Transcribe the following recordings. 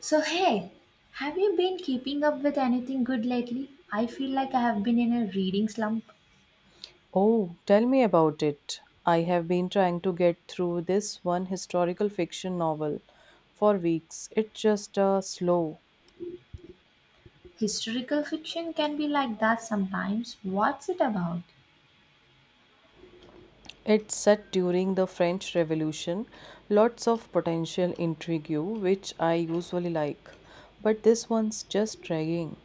So, hey, have you been keeping up with anything good lately? I feel like I have been in a reading slump. Oh, tell me about it. I have been trying to get through this one historical fiction novel for weeks. It's just slow. Historical fiction can be like that sometimes. What's it about? It's set during the French Revolution. Lots of potential intrigue, which I usually like. But this one's just dragging.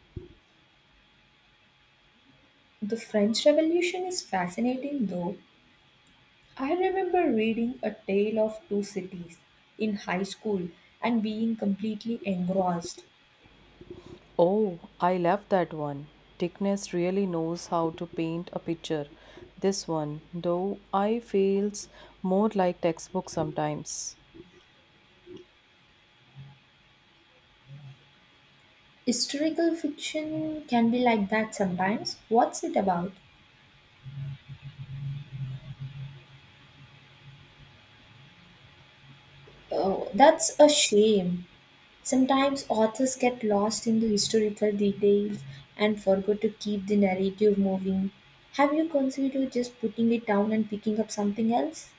The French Revolution is fascinating, though. I remember reading A Tale of Two Cities in high school and being completely engrossed. Oh, I love that one. Dickens really knows how to paint a picture. This one, though, I feels more like textbook sometimes. Historical fiction can be like that sometimes. What's it about? Oh, that's a shame. Sometimes authors get lost in the historical details and forget to keep the narrative moving. Have you considered just putting it down and picking up something else?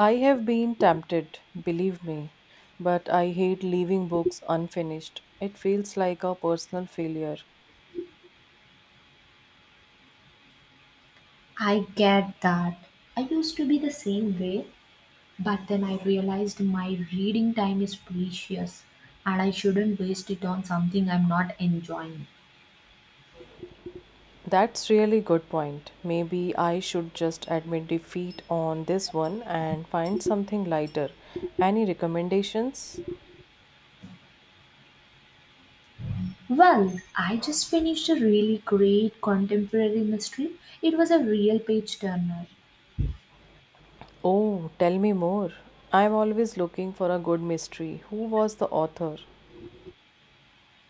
I have been tempted, believe me, but I hate leaving books unfinished. It feels like a personal failure. I get that. I used to be the same way, but then I realized my reading time is precious and I shouldn't waste it on something I'm not enjoying. That's really good point. Maybe I should just admit defeat on this one and find something lighter. Any recommendations? Well, I just finished a really great contemporary mystery. It was a real page turner. Oh, tell me more. I'm always looking for a good mystery. Who was the author?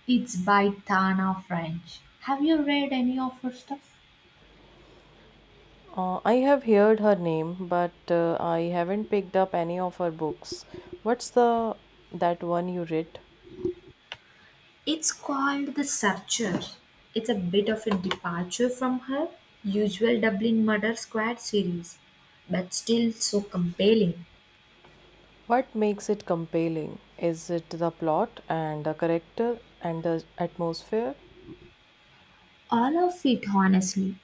It's by Tana French. Have you read any of her stuff? I have heard her name, but I haven't picked up any of her books. What's the that one you read? It's called The Searcher. It's a bit of a departure from her usual Dublin Murder Squad series, but still so compelling. What makes it compelling? Is it the plot and the character and the atmosphere? All of it, honestly.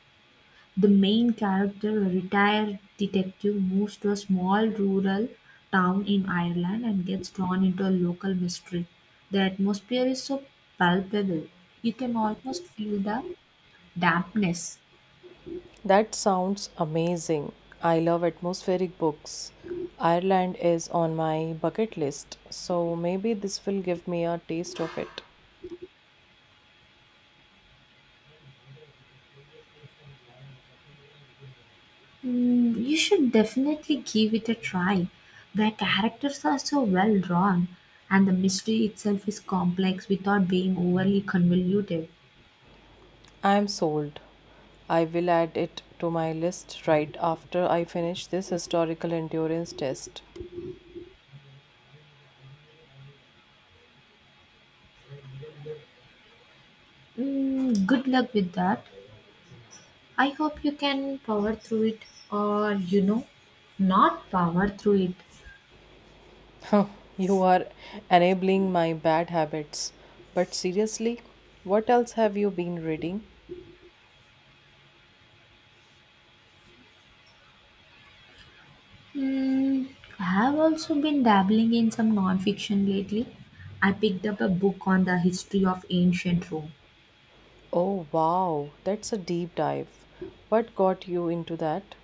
The main character, a retired detective, moves to a small rural town in Ireland and gets drawn into a local mystery. The atmosphere is so palpable, you can almost feel the dampness. That sounds amazing. I love atmospheric books. Ireland is on my bucket list, so maybe this will give me a taste of it. You should definitely give it a try. The characters are so well drawn, and the mystery itself is complex without being overly convoluted. I am sold. I will add it to my list right after I finish this historical endurance test. Good luck with that. I hope you can power through it, or not power through it. You are enabling my bad habits. But seriously, what else have you been reading? Mm, I have also been dabbling in some non-fiction lately. I picked up a book on the history of ancient Rome. Oh, wow, that's a deep dive. What got you into that?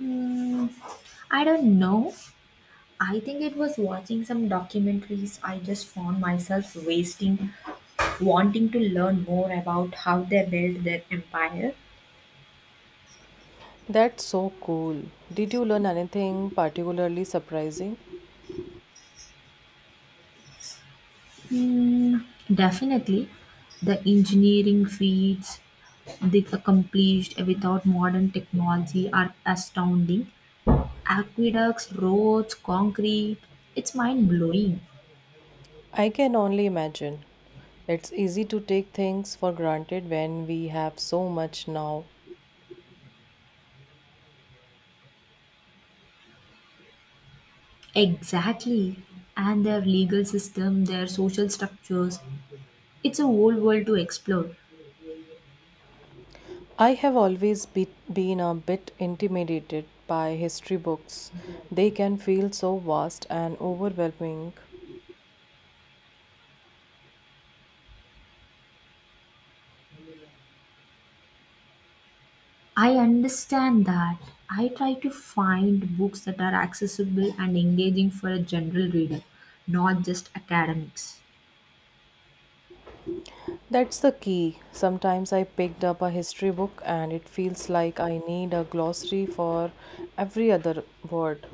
Mm, I don't know. I think it was watching some documentaries. I just found myself wanting to learn more about how they built their empire. That's so cool. Did you learn anything particularly surprising? Hmm, Definitely, the engineering feats they accomplished without modern technology are astounding. Aqueducts, roads, concrete, it's mind blowing. I can only imagine. It's easy to take things for granted when we have so much now. Exactly. And their legal system, their social structures, it's a whole world to explore. I have always been a bit intimidated by history books. They can feel so vast and overwhelming. I understand that. I try to find books that are accessible and engaging for a general reader, not just academics. That's the key. Sometimes I picked up a history book and it feels like I need a glossary for every other word.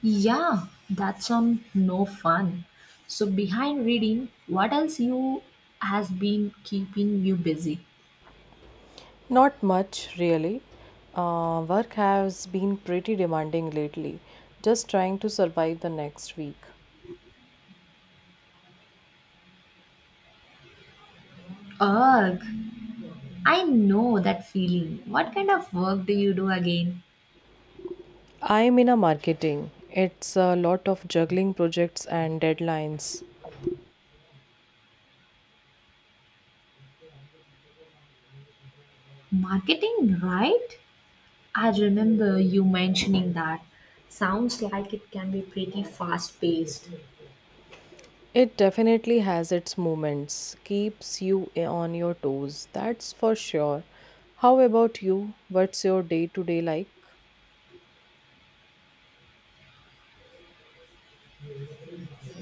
Yeah, that sounds no fun. So behind reading, what else you has been keeping you busy? Not much, really. Work has been pretty demanding lately, just trying to survive the next week. Ugh, I know that feeling. What kind of work do you do again? I'm in a marketing. It's a lot of juggling projects and deadlines. Marketing, right? I remember you mentioning that. Sounds like it can be pretty fast paced. It definitely has its moments, keeps you on your toes, that's for sure. How about you? What's your day to day like?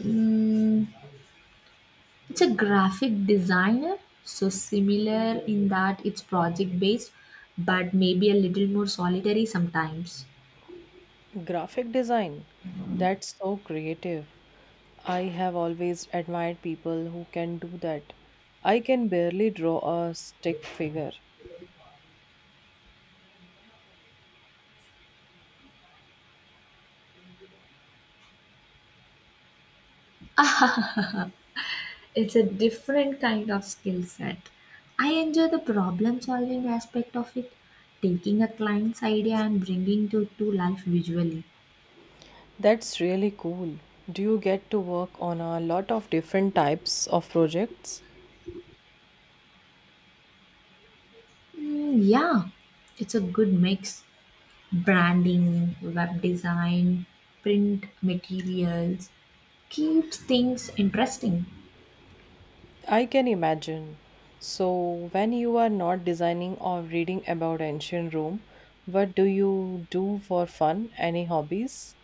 Mm, it's a graphic designer, so similar in that it's project based, but maybe a little more solitary sometimes. Graphic design. That's so creative. I have always admired people who can do that. I can barely draw a stick figure. It's a different kind of skill set. I enjoy the problem solving aspect of it, taking a client's idea and bringing it to life visually. That's really cool. Do you get to work on a lot of different types of projects? Mm, yeah, it's a good mix. Branding, web design, print materials keeps things interesting. I can imagine. So, when you are not designing or reading about ancient Rome, what do you do for fun? Any hobbies?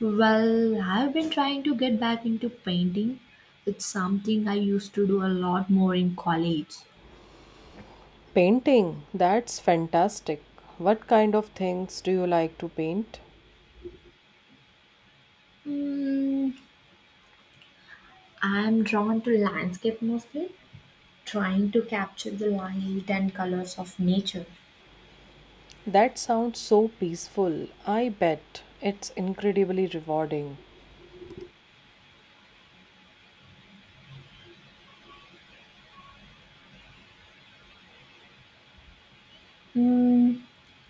Well, I've been trying to get back into painting. It's something I used to do a lot more in college. Painting, that's fantastic. What kind of things do you like to paint? Mm, I'm drawn to landscape mostly, trying to capture the light and colors of nature. That sounds so peaceful. I bet it's incredibly rewarding. Mm,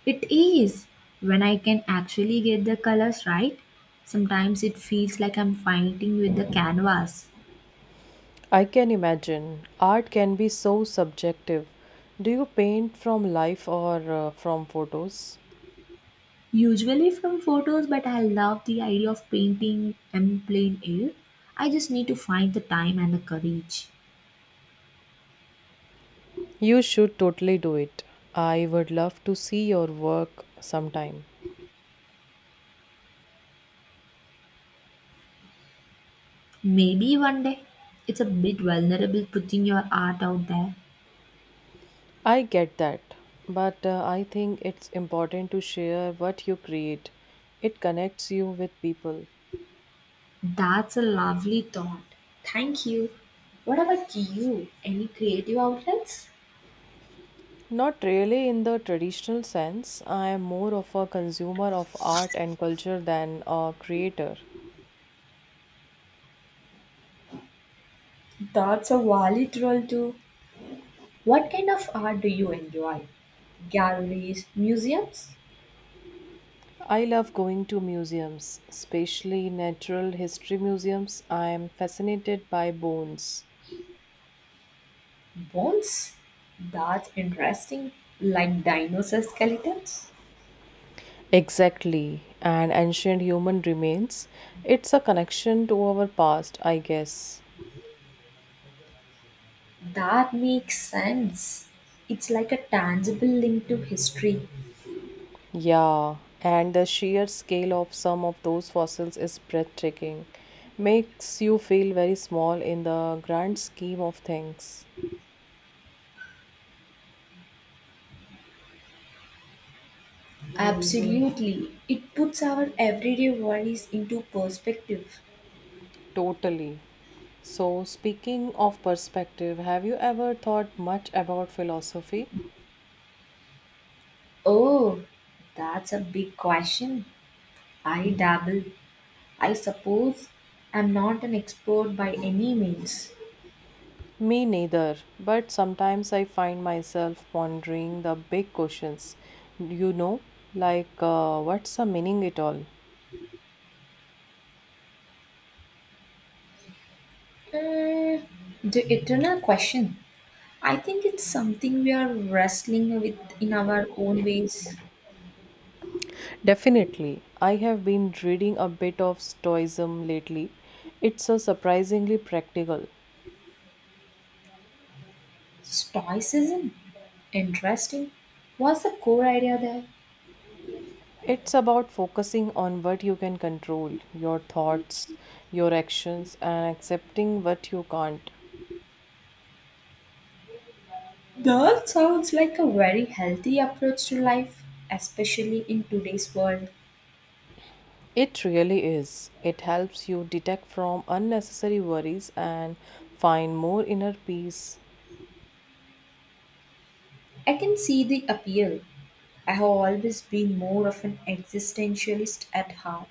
it is when I can actually get the colors right. Sometimes it feels like I'm fighting with the canvas. I can imagine. Art can be so subjective. Do you paint from life or from photos? Usually from photos, but I love the idea of painting in plain air. I just need to find the time and the courage. You should totally do it. I would love to see your work sometime. Maybe one day. It's a bit vulnerable putting your art out there. I get that, but I think it's important to share what you create. It connects you with people. That's a lovely thought. Thank you. What about you? Any creative outlets? Not really in the traditional sense. I am more of a consumer of art and culture than a creator. That's a valid role too. What kind of art do you enjoy? Galleries, museums, I love going to museums, especially natural history museums. I am fascinated by bones. bones? That's interesting. Like dinosaur skeletons? Exactly, and ancient human remains. It's a connection to our past, I guess. That makes sense. It's like a tangible link to history. Yeah, and the sheer scale of some of those fossils is breathtaking. Makes you feel very small in the grand scheme of things. Absolutely. It puts our everyday worries into perspective. Totally. So, speaking of perspective, have you ever thought much about philosophy? Oh, that's a big question. I dabble. I suppose I'm not an expert by any means. Me neither, but sometimes I find myself pondering the big questions. You know, like what's the meaning it all? Mm, the eternal question. I think it's something we are wrestling with in our own ways. Definitely. I have been reading a bit of Stoicism lately. It's a surprisingly practical. Stoicism. Interesting. What's the core idea there? It's about focusing on what you can control, your thoughts, your actions, and accepting what you can't. That sounds like a very healthy approach to life, especially in today's world. It really is. It helps you detect from unnecessary worries and find more inner peace. I can see the appeal. I have always been more of an existentialist at heart,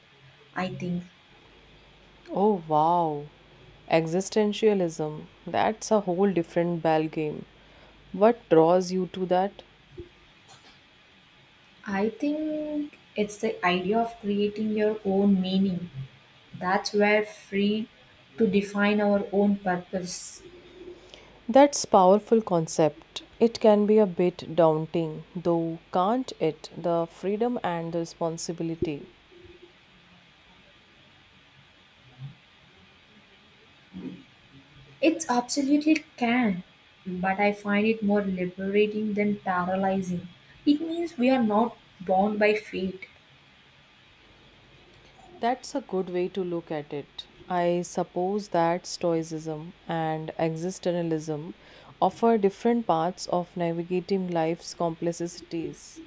I think. Oh wow. Existentialism. That's a whole different ball game. What draws you to that? I think it's the idea of creating your own meaning. That's where free to define our own purpose. That's powerful concept. It can be a bit daunting, though can't it? The freedom and the responsibility. It's absolutely can, but I find it more liberating than paralyzing. It means we are not bound by fate. That's a good way to look at it. I suppose that Stoicism and existentialism offer different paths of navigating life's complexities.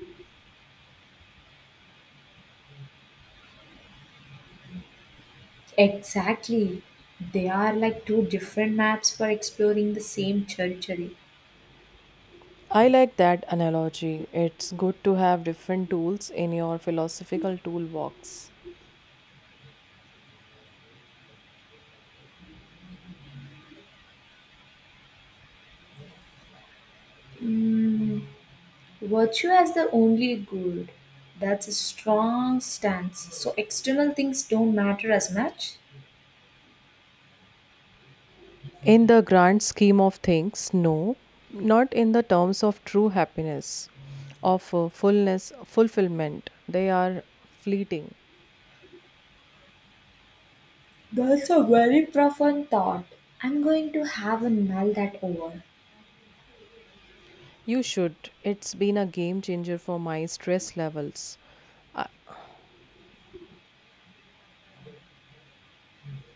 Exactly. They are like two different maps for exploring the same territory. I like that analogy. It's good to have different tools in your philosophical toolbox. Mm, Virtue as the only good. That's a strong stance. So external things don't matter as much. In the grand scheme of things, no, not in the terms of true happiness, of fullness, fulfillment. They are fleeting. That's a very profound thought. I'm going to have a mull that over. You should. It's been a game changer for my stress levels. Uh,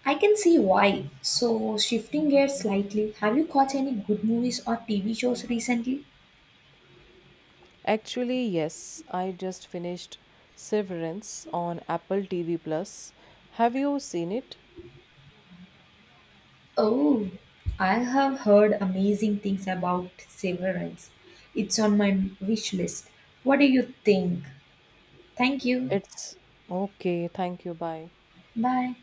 I can see why. So, shifting gears slightly, have you caught any good movies or TV shows recently? Actually, yes, I just finished Severance on Apple TV Plus. Have you seen it? Oh, I have heard amazing things about Severance. It's on my wish list. What do you think? Thank you. It's okay. Thank you. Bye. Bye.